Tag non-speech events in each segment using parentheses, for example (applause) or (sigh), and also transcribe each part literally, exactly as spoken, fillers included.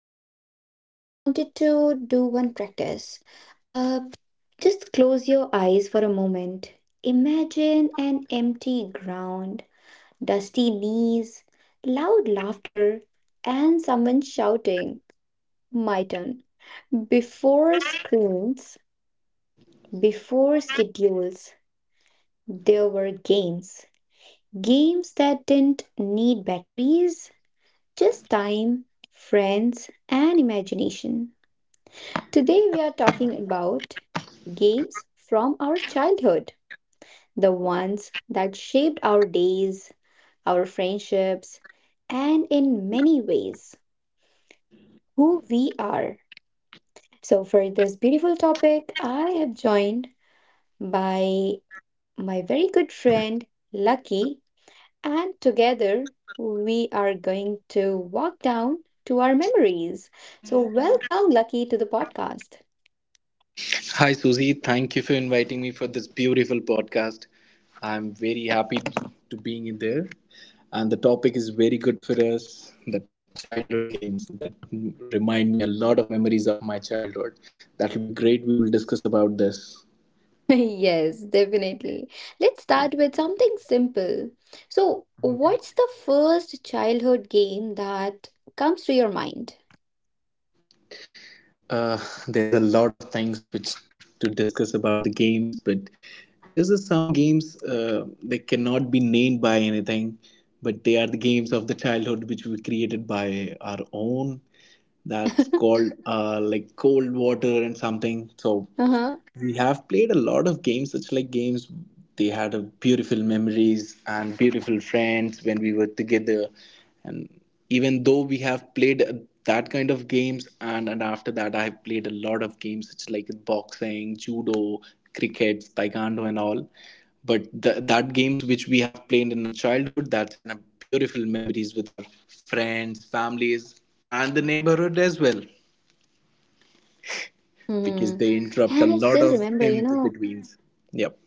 I just wanted to do one practice. Uh, just close your eyes for a moment. Imagine an empty ground, dusty knees, loud laughter, and someone shouting, my turn. Before screens, before schedules, there were games. Games that didn't need batteries, just time, friends, and imagination. Today we are talking about games from our childhood, the ones that shaped our days, our friendships, and in many ways, who we are. So, for this beautiful topic, I have joined by my very good friend Lucky. And together we are going to walk down to our memories. So, welcome, Lucky, to the podcast. Hi, Susie. Thank you for inviting me for this beautiful podcast. I'm very happy to being in there. And the topic is very good for us the childhood games that remind me a lot of memories of my childhood. That will be great. We will discuss about this. (laughs) Yes, definitely. Let's start with something simple. So, what's the first childhood game that comes to your mind? Uh, there's a lot of things which to discuss about the games, but there's a, some games uh, they cannot be named by anything, but they are the games of the childhood which we created by our own. That's (laughs) called uh, like cold water and something. So Uh huh. we have played a lot of games such like games they had a beautiful memories and beautiful friends when we were together and even though we have played uh, that kind of games and, and after that I have played a lot of games such like boxing, judo, cricket, taekwondo and all, but th- that games which we have played in our childhood, that's an, a beautiful memories with our friends, families and the neighborhood as well Mm-hmm. because they And I still interrupt a remember, lot you of know, in betweens. Yep.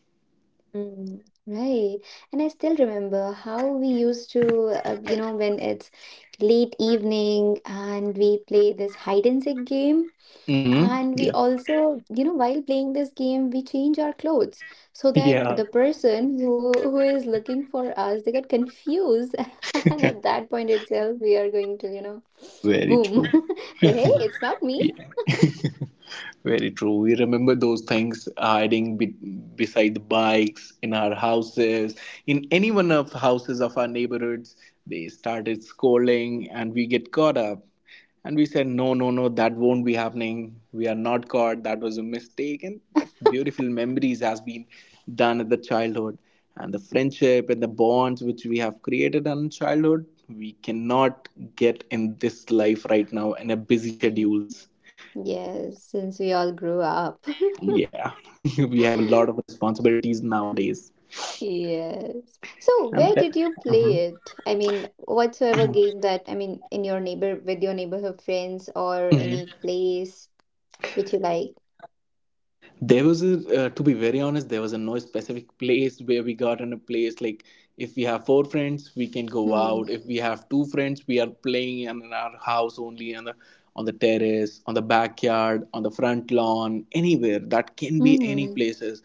Mm, right. And I still remember how we used to, uh, you know, when it's late evening and we play this hide and seek game. Mm-hmm. And we Yeah. also, you know, while playing this game, we change our clothes so that the person who who is looking for us, they got confused. (laughs) And at that point itself, we are going to, you know, Very true. boom. (laughs) Say, hey, it's not me. Yeah. (laughs) Very true. We remember those things hiding be- beside the bikes, in our houses, in any one of the houses of our neighborhoods. They started scolding and we get caught up. And we said, no, no, no, that won't be happening. We are not caught. That was a mistake. And that beautiful memories has been done at the childhood. And the friendship and the bonds which we have created in childhood, we cannot get in this life right now in a busy Mm, schedules. yes, since we all grew up. Yeah, (laughs) we have a lot of (laughs) responsibilities nowadays. Yes. So And where that, did you uh play it? I mean, whatsoever game that, I mean, in your neighbor with your neighborhood friends or Mhm. any place which you like. There was a, uh, to be very honest, there was a no specific place where we got in a place like if we have four friends, we can go Mm-hmm. out. If we have two friends, we are playing in our house only, and the on the terrace, on the backyard, on the front lawn, anywhere. That can be any Mm-hmm. places.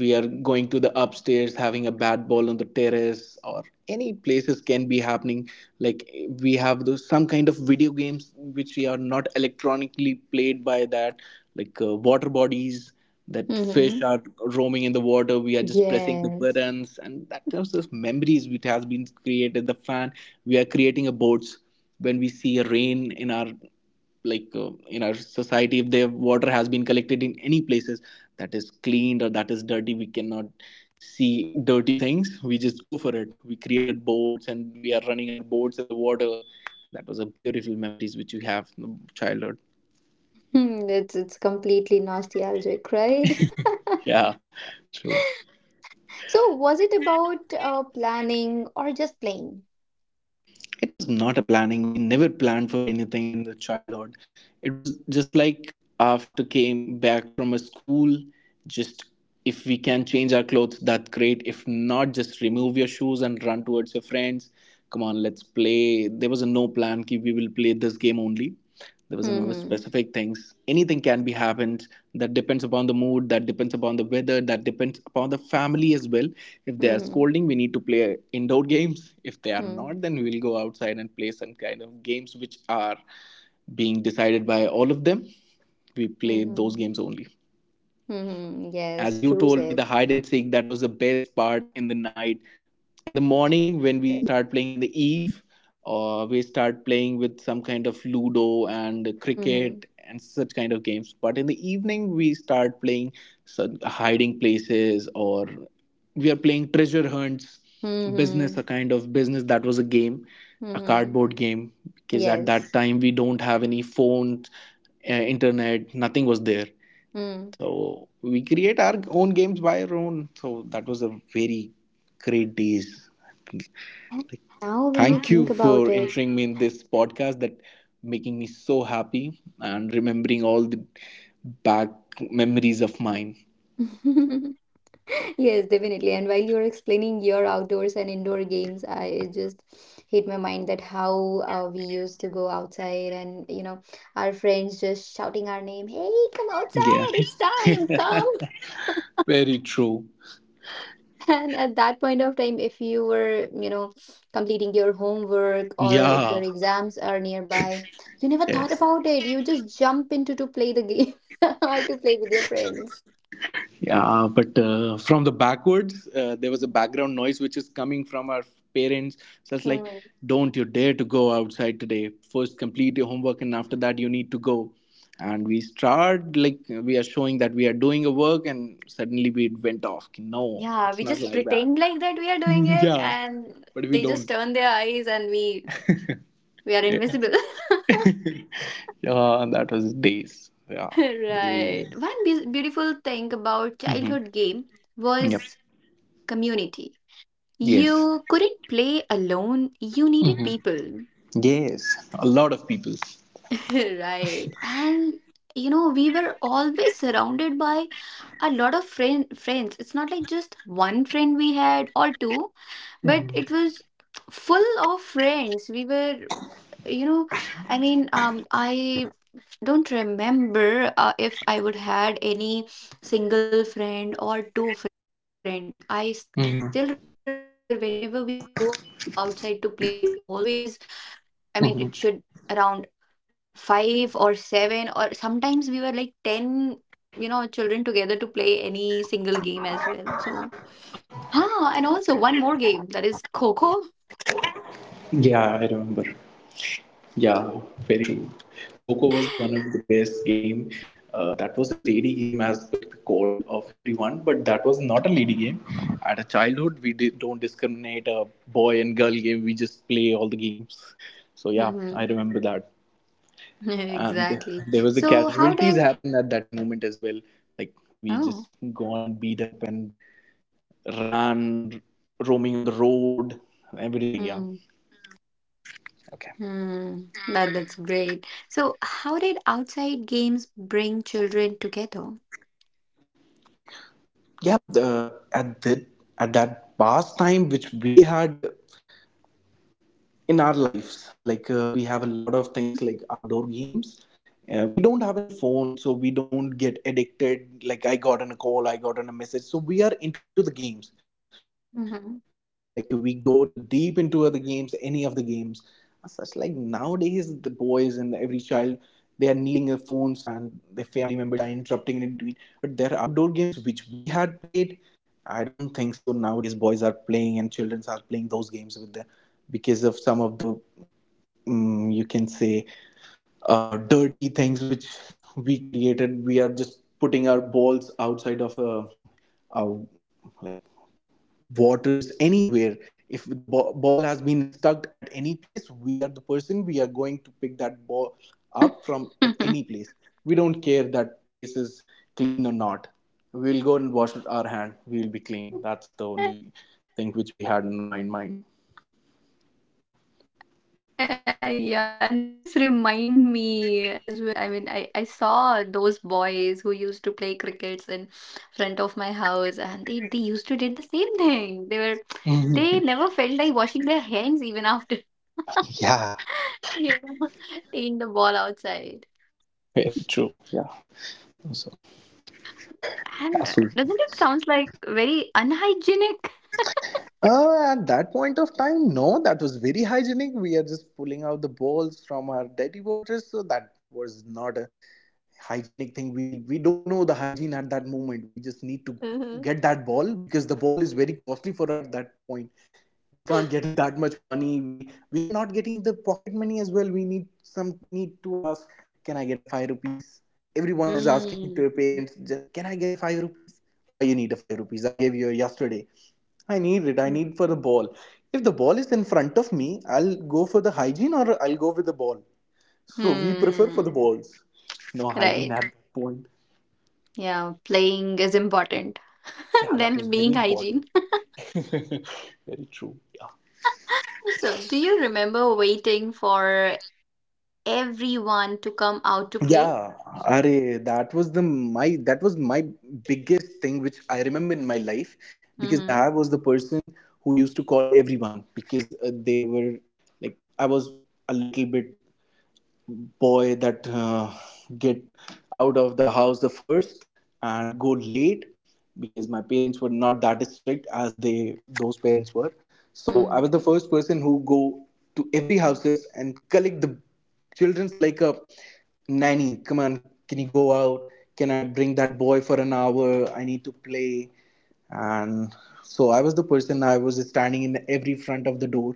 We are going to the upstairs having a bad ball on the terrace or any places can be happening, like we have those some kind of video games which are not electronically played by that, like uh, water bodies that fish Mm-hmm. are roaming in the water, we are just pressing the Yes. buttons, and that kind of memories which has been created the fan. We are creating a boats when we see a rain in our, like uh, in our society if the water has been collected in any places that is cleaned or that is dirty, we cannot see dirty things, we just go for it, we created boats and we are running our boats in the water. That was a beautiful memories which we have from childhood. Hmm, it's it's completely nostalgic, right? (laughs) Yeah, true. So was it about uh, planning or just playing? It was not a planning, we never planned for anything in the childhood. It was just like after came back from a school, just if we can change our clothes that great, if not just remove your shoes and run towards your friends, come on let's play. There was a no plan ki we will play this game only, there was no Mm-hmm. specific things, anything can be happened. That depends upon the mood, that depends upon the weather, that depends upon the family as well. If they are Mm-hmm. scolding we need to play indoor (laughs) games, if they are Mm-hmm. not then we'll go outside and play some kind of games which are being decided by all of them, we play those Mm-hmm. games only. Mm-hmm. Yes, As you true told me, the said. hide and seek, that was the best part in the night. In the morning, when we Yes. start playing in the eve, uh, we start playing with some kind of Ludo and Mm-hmm. cricket and such kind of games. But in the evening, we start playing some hiding places, or we are playing treasure hunts, business, Mm-hmm. a kind of business, that was a game, a Mm-hmm. cardboard game, because at that Yes. time we don't have any phone, uh, internet, nothing was there. Hmm. So we create our own games by our own. So that was a very great days. And now, when we Thank you think about for it, entering me in this podcast that making me so happy and remembering all the back memories of mine. (laughs) yes, definitely. And while you're explaining your outdoors and indoor games, I just hit my mind that how uh, we used to go outside and, you know, our friends just shouting our name, hey, come Yeah. outside, it's time, (laughs) come. (laughs) Very true. And at that point of time, if you were, you know, completing your homework or if your Yeah. exams are nearby, you never thought Yes. about it. You just jump into to play the game (laughs) or to play with your friends. Yeah, but uh, from the backwards, uh, there was a background noise which is coming from our parents. So it's like, Hmm. don't you dare to go outside today. First, complete your homework, and after that, you need to go. And we start like we are showing that we are doing a work, and suddenly we went off. No, Yeah, it's we not just like that. pretend like that we are doing (laughs) it, Yeah, and but we they just don't. turn their eyes, and we we are Yeah, invisible. (laughs) (laughs) yeah, and that was days. Yeah. Right. One be- beautiful thing about Mm-hmm. childhood game Yep. was community. Yes. You couldn't play alone. You needed Hmm. people. Yes. A lot of people. (laughs) Right, and you know we were always surrounded by a lot of friend friends. It's not like just one friend we had or two, but Hmm. it was full of friends we were, you know. I mean um i don't remember uh, if I would had any single friend or two friend. I still remember whenever Hmm. we go outside to play we always, I mean, it should around five or seven or sometimes we were like ten, you know, children together to play any single game as well. So ah, and also one more game, that is coco. Yeah, I remember. Yeah, very true. Coco was the one of the best game. Uh, that was a lady game as per the call of everyone, but that was not a lady game. At a childhood, we di- don't discriminate a boy and girl game. We just play all the games. So yeah, Mm-hmm. I remember that. (laughs) And th- Exactly, there was a so how did casualties happened at that moment as well. Like we oh, just gone and beat up and ran, roaming on the road, everything. Yeah. hmm. Okay. Hmm. That, that's great, so how did outside games bring children together? Yeah. The, at that at that past time which we had in our lives, like uh, we have a lot of things like outdoor games, uh, we don't have any phone so we don't get addicted like I got on a call, I got on a message, so we are into the games, like we go to Mm-hmm. deep into other games, any of the games, as such like nowadays the boys and every child they are needing uh, phones and the family members are interrupting in between. But there are outdoor games which we had played, I don't think so nowadays boys are playing and children are playing those games with their, because of some of the um, you can say uh, dirty things which we created. We are just putting our balls outside of uh, our, like, waters, anywhere. If the ba- ball has been stuck at any place, we are the person, we are going to pick that ball up from at any place, we don't care that place is clean or not, we'll go and wash with our hand, we'll be clean, that's the only (laughs) thing which we had in my mind. Uh, yeah, and that's remind me as well that I mean I, I saw those boys who used to play crickets in front of my house and they, they used to did the same thing. They were, they never (laughs) felt like Mm. washing their hands even after (laughs) Yeah. you know, taking the ball outside. Very true. Yeah. So And uh, doesn't yeah, it so sounds like very unhygienic? uh, at that point of time, no, that was very hygienic. We are just pulling out the balls from our dirty waters, so that was not a hygienic thing. We we don't know the hygiene at that moment, we just need to Mhm. get that ball because the ball is very costly for at that point. We can't get (laughs) it that much money, we we are not getting the pocket money as well, we need some, need to ask, can I get a five rupees? Everyone is asking to Mm. their parents, can I get a five rupees? Why you need a five rupees, I gave you yesterday. I need it, I need for the ball. If the ball is in front of me, I'll go for the hygiene or I'll go with the ball. So we prefer for Hmm. the balls. No hygiene Right. at that point. Yeah, playing is important. Yeah, that was Than very being important. hygiene. (laughs) (laughs) Very true. Yeah. So, do you remember waiting for everyone to come out to play? Yeah, are that was the my that was my biggest thing which I remember in my life because Mm-hmm. Dahab was the person who used to call everyone because uh, they were like I was a little bit boy that uh, get out of the house the first and go late because my parents were not that strict as they those parents were. So I Hmm. was the first person who go to every houses and collect the children's, like a nanny, come on, can you go out, can I bring that boy for an hour, I need to play. And so I was the person, I was standing in every front of the door,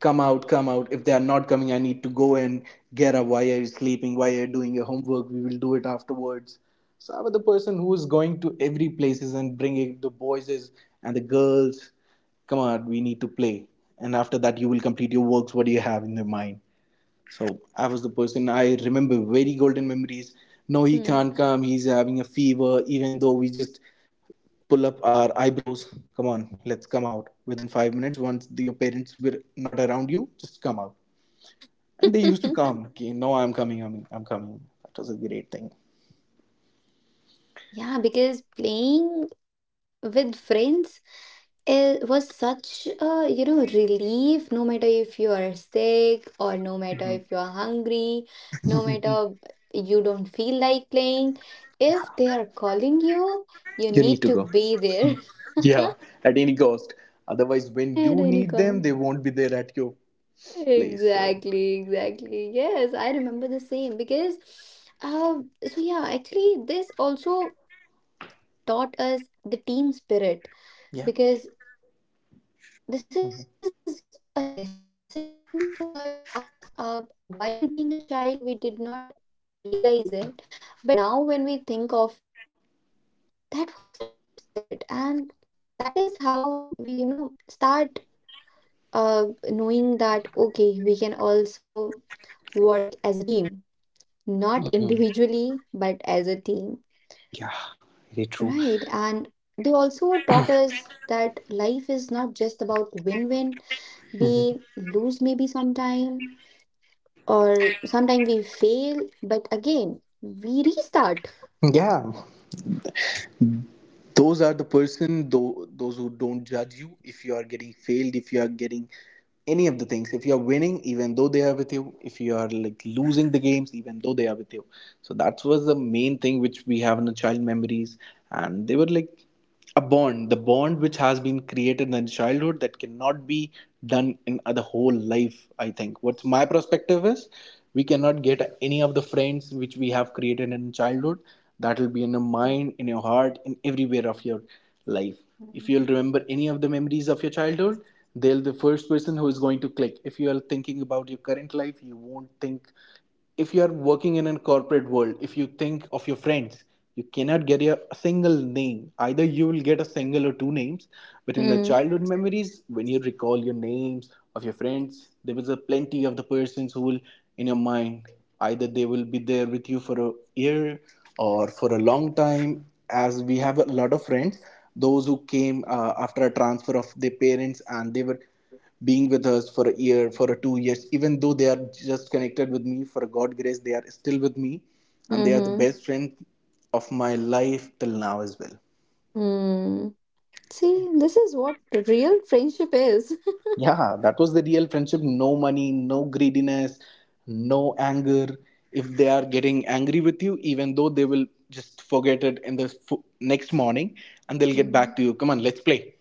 come out, come out. If they are not coming, I need to go and get up. Why are you sleeping? Why are you doing your homework? We will do it afterwards. So I was the person who was going to every places and bringing the boys and the girls. Come on, we need to play. And after that, you will complete your works. What do you have in your mind? So I was the person, I remember very golden memories. No, he Hmm. can't come. He's having a fever. Even though we just pull up our eyebrows, come on let's come out within five minutes. Once the, your parents were not around you just come out, and they used to (laughs) come, okay no I'm coming, i'm, I'm coming, that was a great thing. Yeah, because playing with friends, it was such a you know relief, no matter if you are sick or no matter Mhm. if you are hungry, no matter you don't feel like playing. If they are calling you, you You need need to to go. be there. (laughs) Yeah, at any cost. Otherwise when At you any need them cost. they won't be there at your place, so Exactly, exactly. Yes, I remember the same because, um, so yeah, actually, this also taught us the team spirit yeah. because this is a lesson for us. Uh, while being a child, we did not, you know, realize it, but now when we think of it, that was a team spirit, and that is how we, you know, start uh knowing that okay, we can also work as a team, not Hmm, individually, but as a team. yeah, very true. Right. And they also taught us that life is not just about win win. Mm-hmm. We lose maybe sometime, or sometime we fail, but again, we restart. Yeah, those are the person though, those who don't judge you if you are getting failed, if you are getting any of the things, if you are winning even though they are with you, if you are like losing the games even though they are with you. So that was the main thing which we have in the child memories, and they were like a bond. The bond which has been created in childhood that cannot be done in the whole life. I think what's my perspective is we cannot get any of the friends which we have created in childhood. That will be in your mind, in your heart, in everywhere of your life. If you'll remember any of the memories of your childhood, they'll, the first person who is going to click. If you are thinking about your current life, you won't think. If you are working in a corporate world, if you think of your friends, you cannot get a single name. Either you will get a single or two names, but in the childhood Mm, memories, when you recall your names of your friends, there was a plenty of the persons who will in your mind. Either they will be there with you for a year or for a long time. As we have a lot of friends, those who came uh, after a transfer of their parents, and they were being with us for a year, for a two years, even though they are just connected with me for God grace, they are still with me, and they are the mm-hmm, best friend of my life till now as well. mm. See, this is what real friendship is. Yeah, that was the real friendship. No money, no greediness, no anger. If they are getting angry with you, even though they will just forget it in the f- next morning, and (laughs) they'll get Hmm. back to you. Come on, let's play.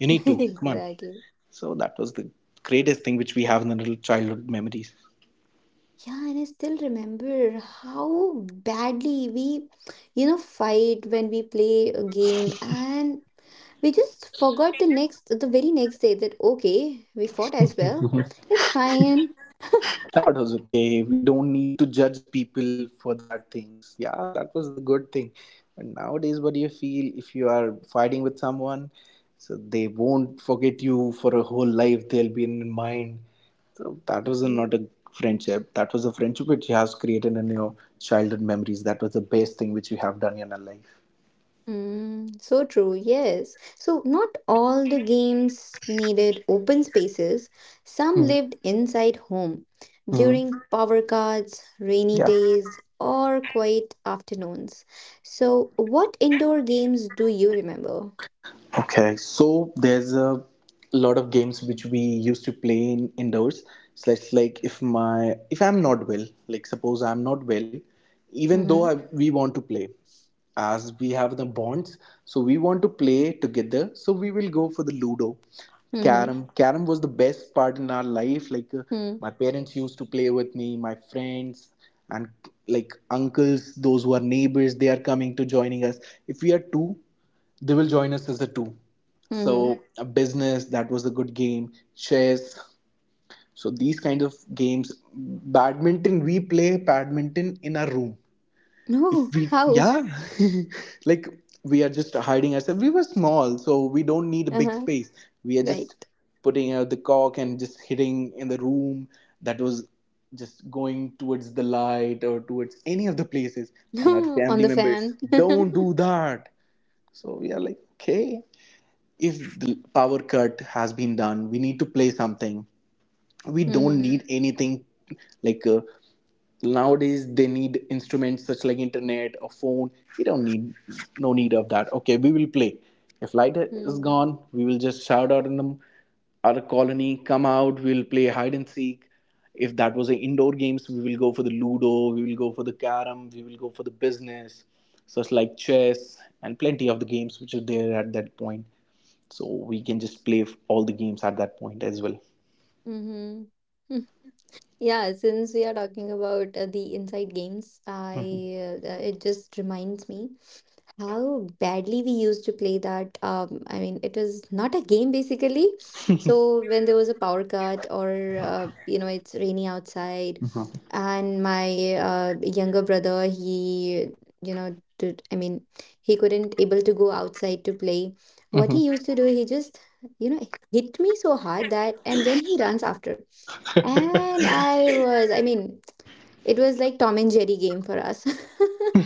You need (laughs) to come on. Exactly. So that was the greatest thing which we have in our childhood memories. Yeah, and I still remember how badly we, you know, fight when we play a game, and we just forgot the next, the very next day that, okay, we fought as well. It's fine. (laughs) That was okay. We don't need to judge people for that things. Yeah, that was the good thing. And nowadays, what do you feel if you are fighting with someone? So they won't forget you for a whole life. They'll be in mind. So that was not a (laughs) friendship. That was a friendship which you have created in your childhood memories. That was the best thing which you have done in your life. Mm, so true, yes. So, not all the games needed open spaces. Some lived inside home Mm-hmm. during power cuts, rainy Yeah. days, or quiet afternoons. So, what indoor games do you remember? Okay, so there's a lot of games which we used to play in indoors. So it's like, like if my if I'm not well, like suppose I'm not well, even though I, Mm-hmm. we want to play, as we have the bonds, so we want to play together. So we will go for the Ludo, Mm-hmm. Carom. Carom was the best part in our life. Like uh, Mm-hmm. my parents used to play with me, my friends, and like uncles, those who are neighbors, they are coming to joining us. If we are two, they will join us as a two, Mm-hmm. so (laughs) a business. That was a good game. Chess, so these kinds of games. Badminton, we play badminton in our room. If No, we, how? yeah, (laughs) like we are just hiding ourselves. We were small, so we don't need a big Uh-huh. space. We are Right. just putting out the cock and just hitting in the room. That was just going towards the light or towards any of the places, and our (laughs) On family the members fan. don't (laughs) do that. So we are like okay, if the power cut has been done, we need to play something. We don't Mm-hmm. need anything. Like uh, nowadays they need instruments such like internet or phone. We don't need, no need of that. Okay, we will play. If light is Mm-hmm. gone, we will just shout out in the our colony, come out, we'll play hide and seek. If that was an indoor games, we will go for the ludo, we will go for the carom, we will go for the business, such like chess, and plenty of the games which are there at that point. So we can just play all the games at that point as well. Mm-hmm. Yeah, since we are talking about uh, the inside games, Mhm. I uh, it just reminds me how badly we used to play that. Um, I mean, it was not a game basically. So when there was a power cut or uh, you know it's rainy outside, and my uh, younger brother he you know did I mean he couldn't able to go outside to play. What Mhm. he used to do, he just you know hit me so hard that, and then he runs after, and Mhm. I was, I mean, it was like Tom and Jerry game for us. (laughs)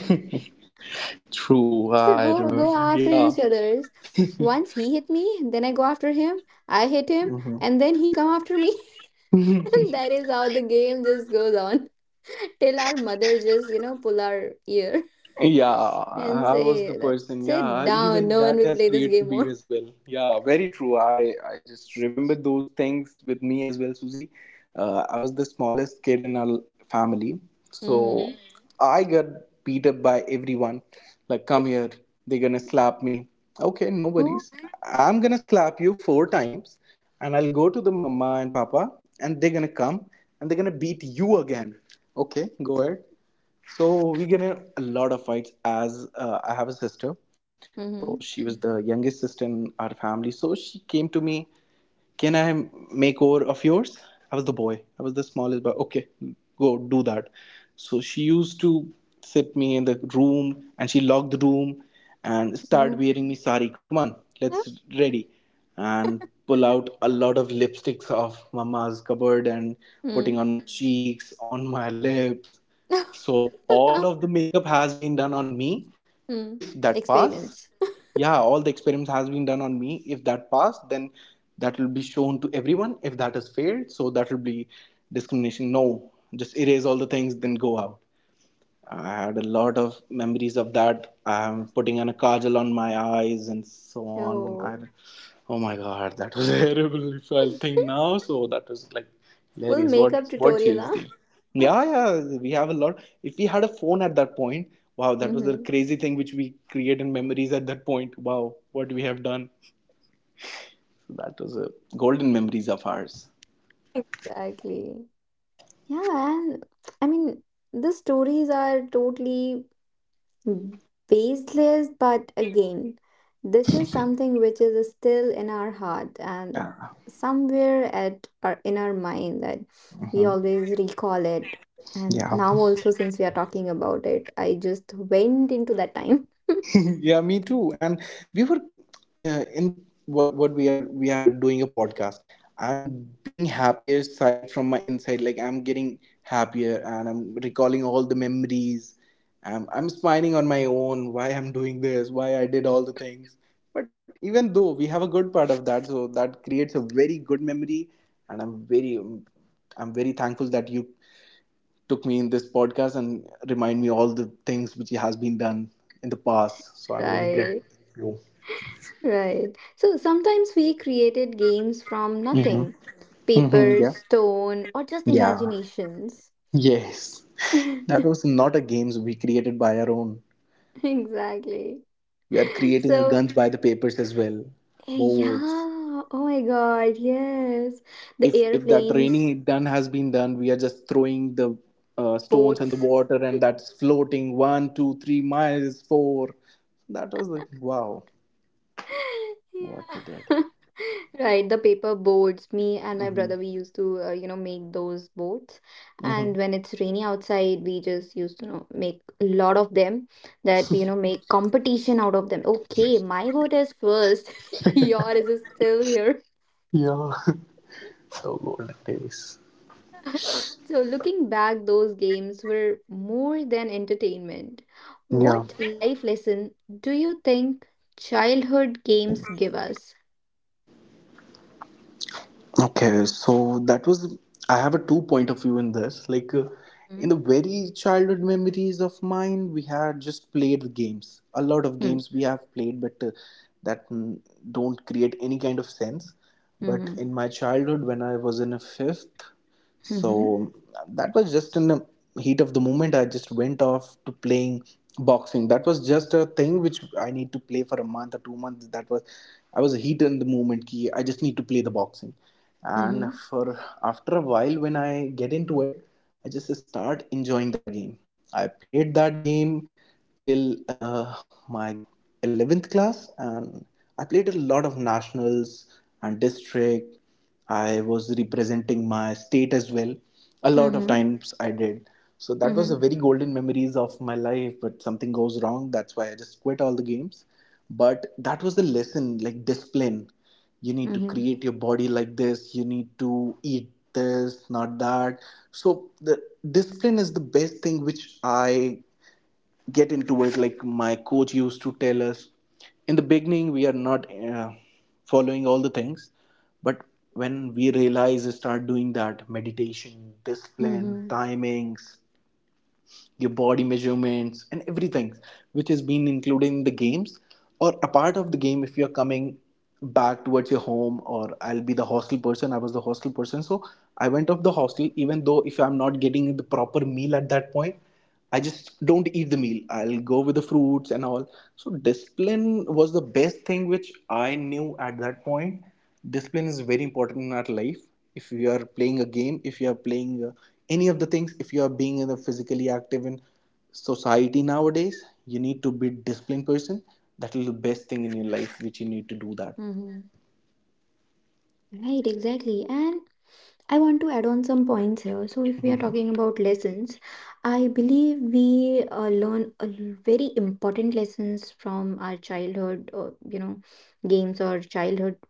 (laughs) True, So I go go remember. after Yeah. each other's. Once he hit me, then I go after him. I hit him, Mhm. and then he come after me. (laughs) (laughs) And that is how the game just goes on (laughs) till our mother just, you know, pull our ear Yeah, (laughs) and I was the say that person. sit Yeah, down. even No one that will has play this created game me more. (laughs) as well. Yeah, very true. I I just remember those things with me as well, Susie. Uh, I was the smallest kid in our l- family, so Mm-hmm. mhm. I got beat up by everyone. Like, come here, they're gonna slap me. Okay, no Oh. worries. I'm gonna slap you four times, and I'll go to the mama and papa, and they're gonna come and they're gonna beat you again. Okay, go ahead. So we get in a lot of fights as uh, I have a sister. So Mm-hmm. she was the youngest sister in our family. So she came to me, can I make over of yours? I was the boy. I was the smallest boy. Okay, go do that. So she used to sit me in the room and she locked the room and start Oh. wearing me sari. Come on, Oh. let's ready. And pull out a lot of lipsticks of mama's cupboard and Mm. putting on my cheeks, on my lips, so all of (laughs) the makeup has been done on me. Mm. If that pass, Experiments. yeah, all the experiments has been done on me. If that pass, then that will be shown to everyone. If that has failed, so that will be discrimination. No, just erase all the things, then go out. I had a lot of memories of that. I'm putting on a kajal on my eyes and so on. I, Oh. oh my god, that was (laughs) terrible. If I think (laughs) now, so that was like Full hilarious. What makeup what she tutorial, is doing? huh? Yeah, (laughs) yeah. We have a lot. If we had a phone at that point, wow, that was the Mm-hmm. crazy thing which we created memories at that point. Wow, what we have done. That was a golden memories of ours. Exactly. Yeah, and I mean, the stories are totally baseless, but again, this is something which is still in our heart and Yeah. somewhere at our in our mind that we Mhm. always recall it. And Yeah. now also, since we are talking about it, I just went into that time. (laughs) (laughs) Yeah, me too. And we were uh, in, what what we are, we are doing a podcast. I'm being happier side from my inside, like I'm getting happier and I'm recalling all the memories. I'm, I'm smiling on my own, why I'm doing this, why I did all the things. But even though we have a good part of that, so that creates a very good memory. And i'm very i'm very thankful that you took me in this podcast and remind me all the things which has been done in the past. So I'm very grateful Right. to Right. So sometimes we created games from you. nothing. Hmm. Paper, Yeah. stone, or just Yeah. imaginations. Yes. (laughs) That was (laughs) not a games, we created by our own. Exactly. We are creating So, guns by the papers as well. eh, Boards. yeah. Oh my God, yes. The If if that airplanes, raining done has been done, we are just throwing the uh, stones and the boats, water, and that's floating one, two, three miles, four. That was like wow, what we did. yeah. (laughs) Right, the paper boards. Me and my Hmm. brother, we used to, uh, you know, make those boards. And Hmm. when it's rainy outside, we just used to, you know, make a lot of them that we, you know, make competition out of them. Okay, my vote is first. (laughs) Yours is still here. Yeah, the olden days. (laughs) So, looking back, those games were more than entertainment. Yeah. What life lesson do you think childhood games give us? Okay. So that was, I have a two point of view in this. Like, uh, in Mm-hmm. the very childhood memories of mine, we had just played games. A lot of games we have played, but uh, that mm, don't create any kind of sense. But Mm-hmm. in my childhood, when I was in a fifth, so that was just in the heat of the moment. I just went off to playing boxing. That was just a thing which I need to play for a month or two months. That was, I was heat in the moment ki I just need to play the boxing. And Mhm. for after a while when I get into it, I just start enjoying that game. I played that game till uh, my eleventh class, and I played a lot of nationals and district. I was representing my state as well. A lot of Mhm. times I did. So that was a Mhm. very golden memories of my life, but something goes wrong. That's why I just quit all the games. But that was the lesson, like discipline. You need to Mhm. create your body like this, you need to eat this, not that. So the discipline is the best thing which I get into it, like my coach used to tell us. In the beginning we are not uh, following all the things, but when we realize start doing that meditation, discipline, Mhm. timings, your body measurements and everything which has been included in the games or a part of the game. If you're coming back towards your home, or I'll be the hostel person, I was the hostel person, so I went off the hostel. Even though if I'm not getting the proper meal at that point, I just don't eat the meal, I'll go with the fruits and all. So discipline was the best thing which I knew at that point. Discipline is very important in our life. If you are playing a game, if you are playing uh, any of the things, if you are being in a physically active in society nowadays, you need to be disciplined person. That is the best thing in your life which you need to do that. Mhm. Right, exactly. And I want to add on some points here. So, if we are talking about lessons, I believe we uh, learn a l- very important lessons from our childhood, or you know, games or childhood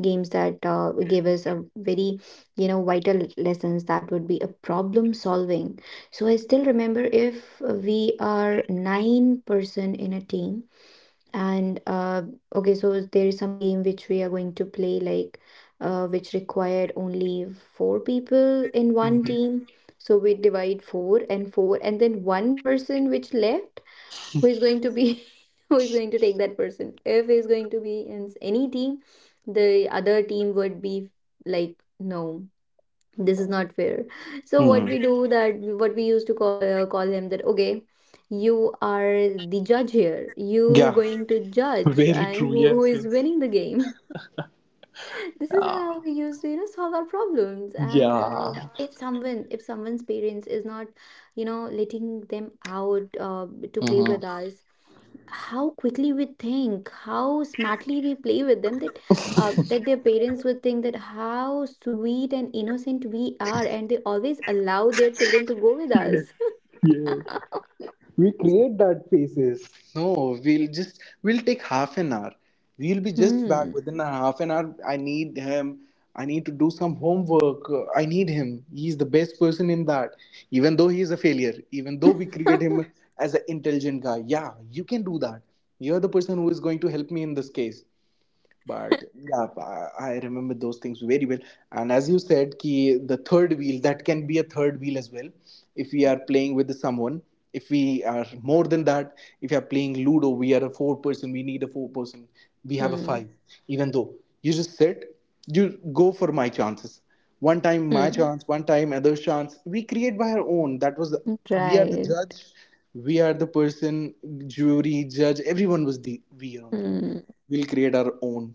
games that uh, gave us a very you know vital lessons. That would be a problem solving. So I still remember, if we are nine person in a team and uh, okay, so there is some game which we are going to play, like uh, which required only four people in one Mhm. team. So we divide four and four, and then one person which left, who is going to be (laughs) who is going to take that person? If he's going to be in any team, the other team would be like no, this is not fair. So Hmm. what we do that, what we used to call, uh, call him that okay, you are the judge here. You Yeah. going to (laughs) judge, Very and true. who, who Yes. is Yes. winning the game. This is Yeah. how we used to you know solve our problems, and Yeah. um, if someone, if someone's parents is not you know letting them out uh, to play Hmm. with us, how quickly we think, how smartly we play with them that uh, that their parents would think that how sweet and innocent we are, and they always allow their children to go with us. Yes. We create that faces. No, we'll just we'll take half an hour. We'll be (laughs) just back within Hmm. a half an hour. I need him. I need to do some homework. Uh, I need him. He's the best person in that. Even though he is a failure, even though we create him (laughs) as an intelligent guy. Yeah, you can do that. You're the person who is going to help me in this case. But yeah, I I remember those things very well. And as you said, ki the third wheel, that can be a third wheel as well. If we are playing with someone, if we are more than that, if we are playing Ludo, we are a four person. We need a four person. We have a five. Hmm. Even though you just sit, you go for my chances. One time my Hmm. chance, one time other chance. We create by our own. That was, we are the Right. judge. We are the person, jury, judge. Everyone was the, we only Hmm. we'll create our own.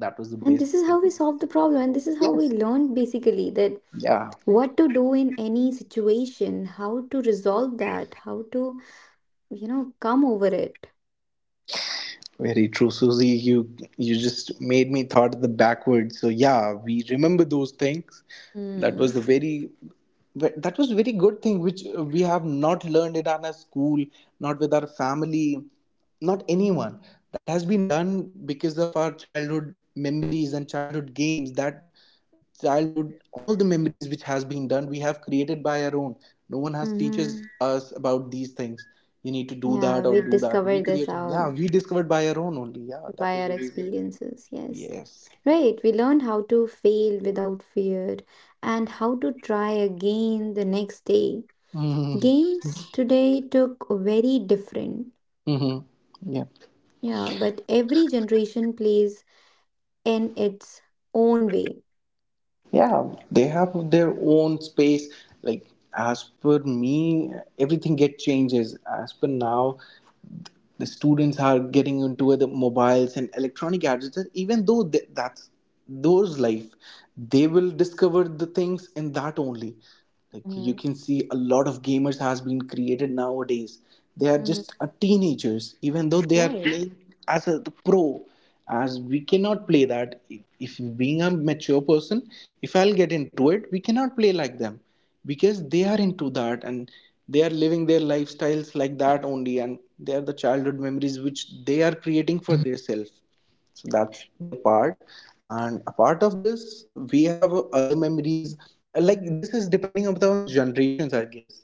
That was the And best this is thing. how we solve the problem, and this is how we Yes. learn basically that Yeah. what to do in any situation, how to resolve that, how to, you know, come over it. Very true, Susie. You you just made me thought of the backward. So yeah, we remember those things. That was Mm. a very, but that was a very good thing which uh, we have not learned in our school, not with our family, not anyone. That has been done because of our childhood memories and childhood games, that childhood all the memories which has been done we have created by our own. No one has teaches Mm-hmm. us about these things. You need to do Yeah, that or we do that, we discovered this created. out Yeah, we discovered by our own only. Yeah, that by was our a very good thing. experiences. Yes. Yes. Right. We learned how to fail without fear and how to try again the next day. Mm-hmm. Games today took very different. Mm-hmm. Yeah. Yeah, but every generation plays in its own way. Yeah. They have their own space. Like, as per me, everything get changes as per now. The students are getting into the mobiles and electronic gadgets, even though they, that's those life, they will discover the things in that only. Like, you Mm-hmm. can see a lot of gamers has been created nowadays. They are just a teenagers even though they are Right. playing as a the pro. As we cannot play that, if if being a mature person, if I'll get into it, we cannot play like them, because they are into that and they are living their lifestyles like that only, and they are the childhood memories which they are creating for themselves. So that's their part. And apart of this, we have other memories. Like, this is depending upon generations I guess.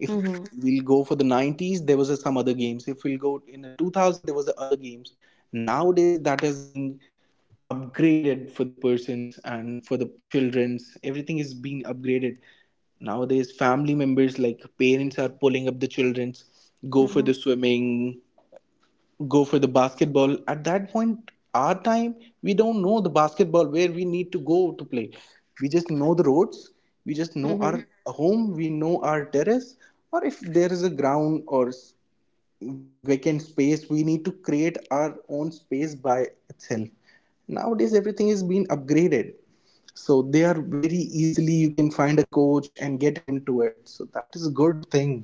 If Mm-hmm. we'll go for the nineties, there was a, some other games. If we'll go in the two thousand, there was the other games. Nowadays that has been upgraded for the persons and for the children's, everything is being upgraded. Nowadays family members like parents are pulling up the children's, go for Mm-hmm. the swimming, go for the basketball. At that point our time, we don't know the basketball where we need to go to play. We just know the roads, we just know our Mm-hmm. home, we know our terrace, or if there is a ground or s- vacant space, we need to create our own space by itself. Nowadays everything is being upgraded, so they are very easily you can find a coach and get into it. So that is a good thing.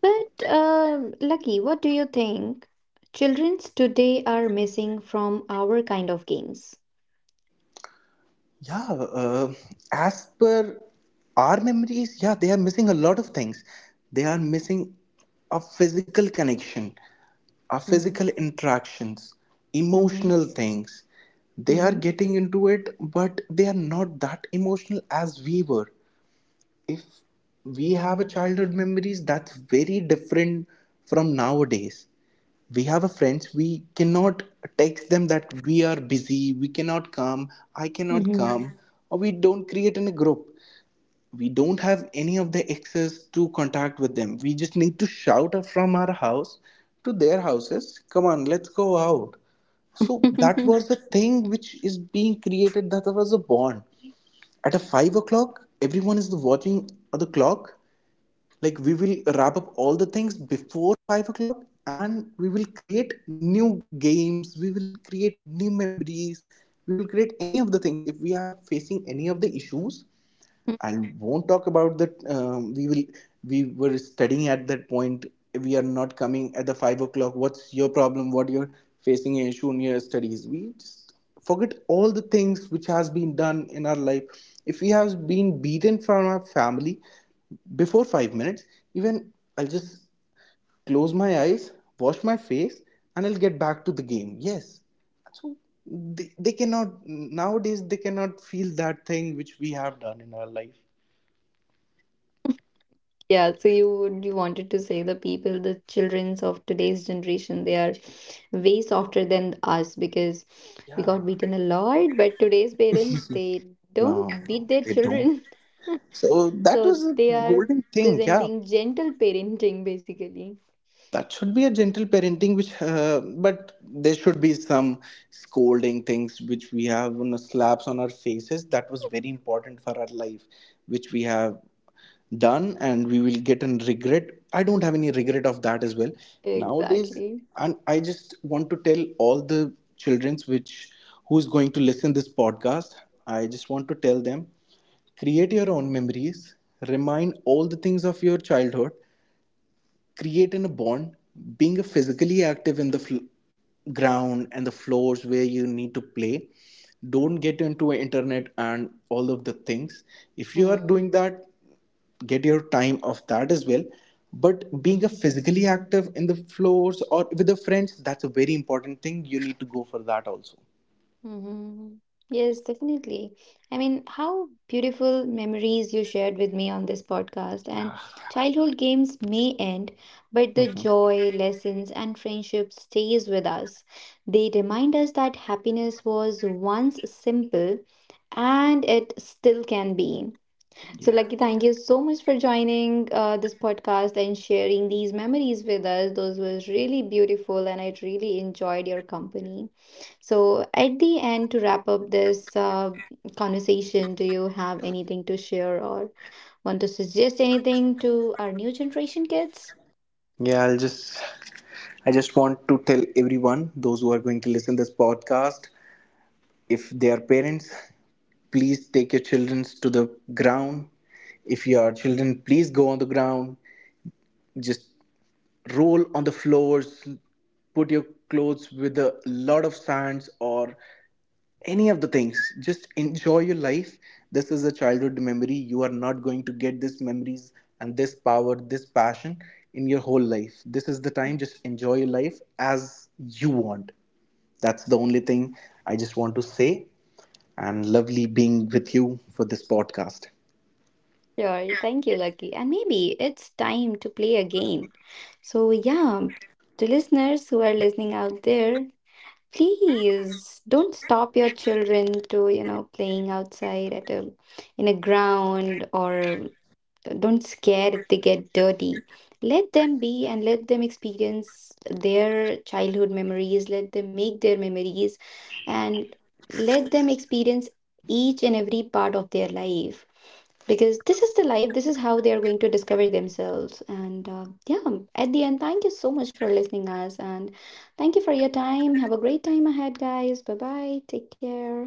But, um Lucky, what do you think children's today are missing from our kind of games? Yeah. uh, as per our memories, yeah, they are missing a lot of things. They are missing a physical connection, our physical Mm-hmm, interactions, mm-hmm, emotional things. They are mm-hmm, getting into it, but they are not that emotional as we were. If we have a childhood memories, that's very different from nowadays. We have a friends, we cannot text them that we are busy, we cannot come, I cannot come, or we don't create in a group. We don't have any of the access to contact with them, we just need to shout from our house to their houses, come on, let's go out. So that mm-hmm. was (laughs) the thing which is being created, that was a bond. At a five o'clock everyone is watching the clock, like we will wrap up all the things before five o'clock, and we will create new games, we will create new memories, we will create any of the things if we are facing any of the issues. I won't talk about that. Um, we will. We were studying at that point. We are not coming at the five o'clock. What's your problem? What, you're facing an issue in your studies? We just forget all the things which has been done in our life. If we have been beaten from our family before five minutes, even I'll just close my eyes, wash my face, and I'll get back to the game. Yes, so they, they cannot nowadays. They cannot feel that thing which we have done in our life. Yeah, so you would- you wanted to say the people, the childrens of today's generation, they are way softer than us because we Yeah. got beaten a lot, but today's parents, they No. don't beat their children. (laughs) So that So was a they are golden thing. Yeah. presenting gentle parenting basically. That should be a gentle parenting which uh, but there should be some scolding things which we have, you know, slaps on our faces, that was very important for our life which we have done, and we will get an regret. I don't have any regret of that as well nowadays. Exactly. And I just want to tell all the childrens which who's going to listen this podcast. I just want to tell them, create your own memories, remind all the things of your childhood, create in a bond, being physically active in the fl- ground and the floors where you need to play. Don't get into internet and all of the things. If you are Mm, doing that, get your time of that as well, but being a physically active in the floors or with the friends, that's a very important thing, you need to go for that also. mhm. Yes, definitely. I mean, how beautiful memories you shared with me on this podcast. And Yeah. childhood games may end, but the joy, lessons, and friendship stays with us. They remind us that happiness was once simple and it still can be. So, Lucky, Yes. thank you so much for joining uh, this podcast and sharing these memories with us. Those were really beautiful, and I really enjoyed your company. So, at the end, to wrap up this uh, conversation, do you have anything to share or want to suggest anything to our new generation kids? Yeah, i'll just i just want to tell everyone those who are going to listen this podcast. If they are parents, please take your children to the ground. If you are children, please go on the ground, just roll on the floors, put your clothes with a lot of sands or any of the things, just enjoy your life. This is a childhood memory, you are not going to get these memories and this power, this passion in your whole life. This is the time, just enjoy your life as you want. That's the only thing I just want to say. And lovely being with you for this podcast. Sure, thank you, Lucky. And maybe it's time to play again. So, yeah, to listeners who are listening out there, please don't stop your children to, you know, playing outside at a in a ground or don't scare if they get dirty. Let them be and let them experience their childhood memories, let them make their memories, and let them experience each and every part of their life, because this is the life, this is how they are going to discover themselves, and uh, yeah, at the end thank you so much for listening us and thank you for your time. Have a great time ahead, guys. Bye bye, take care.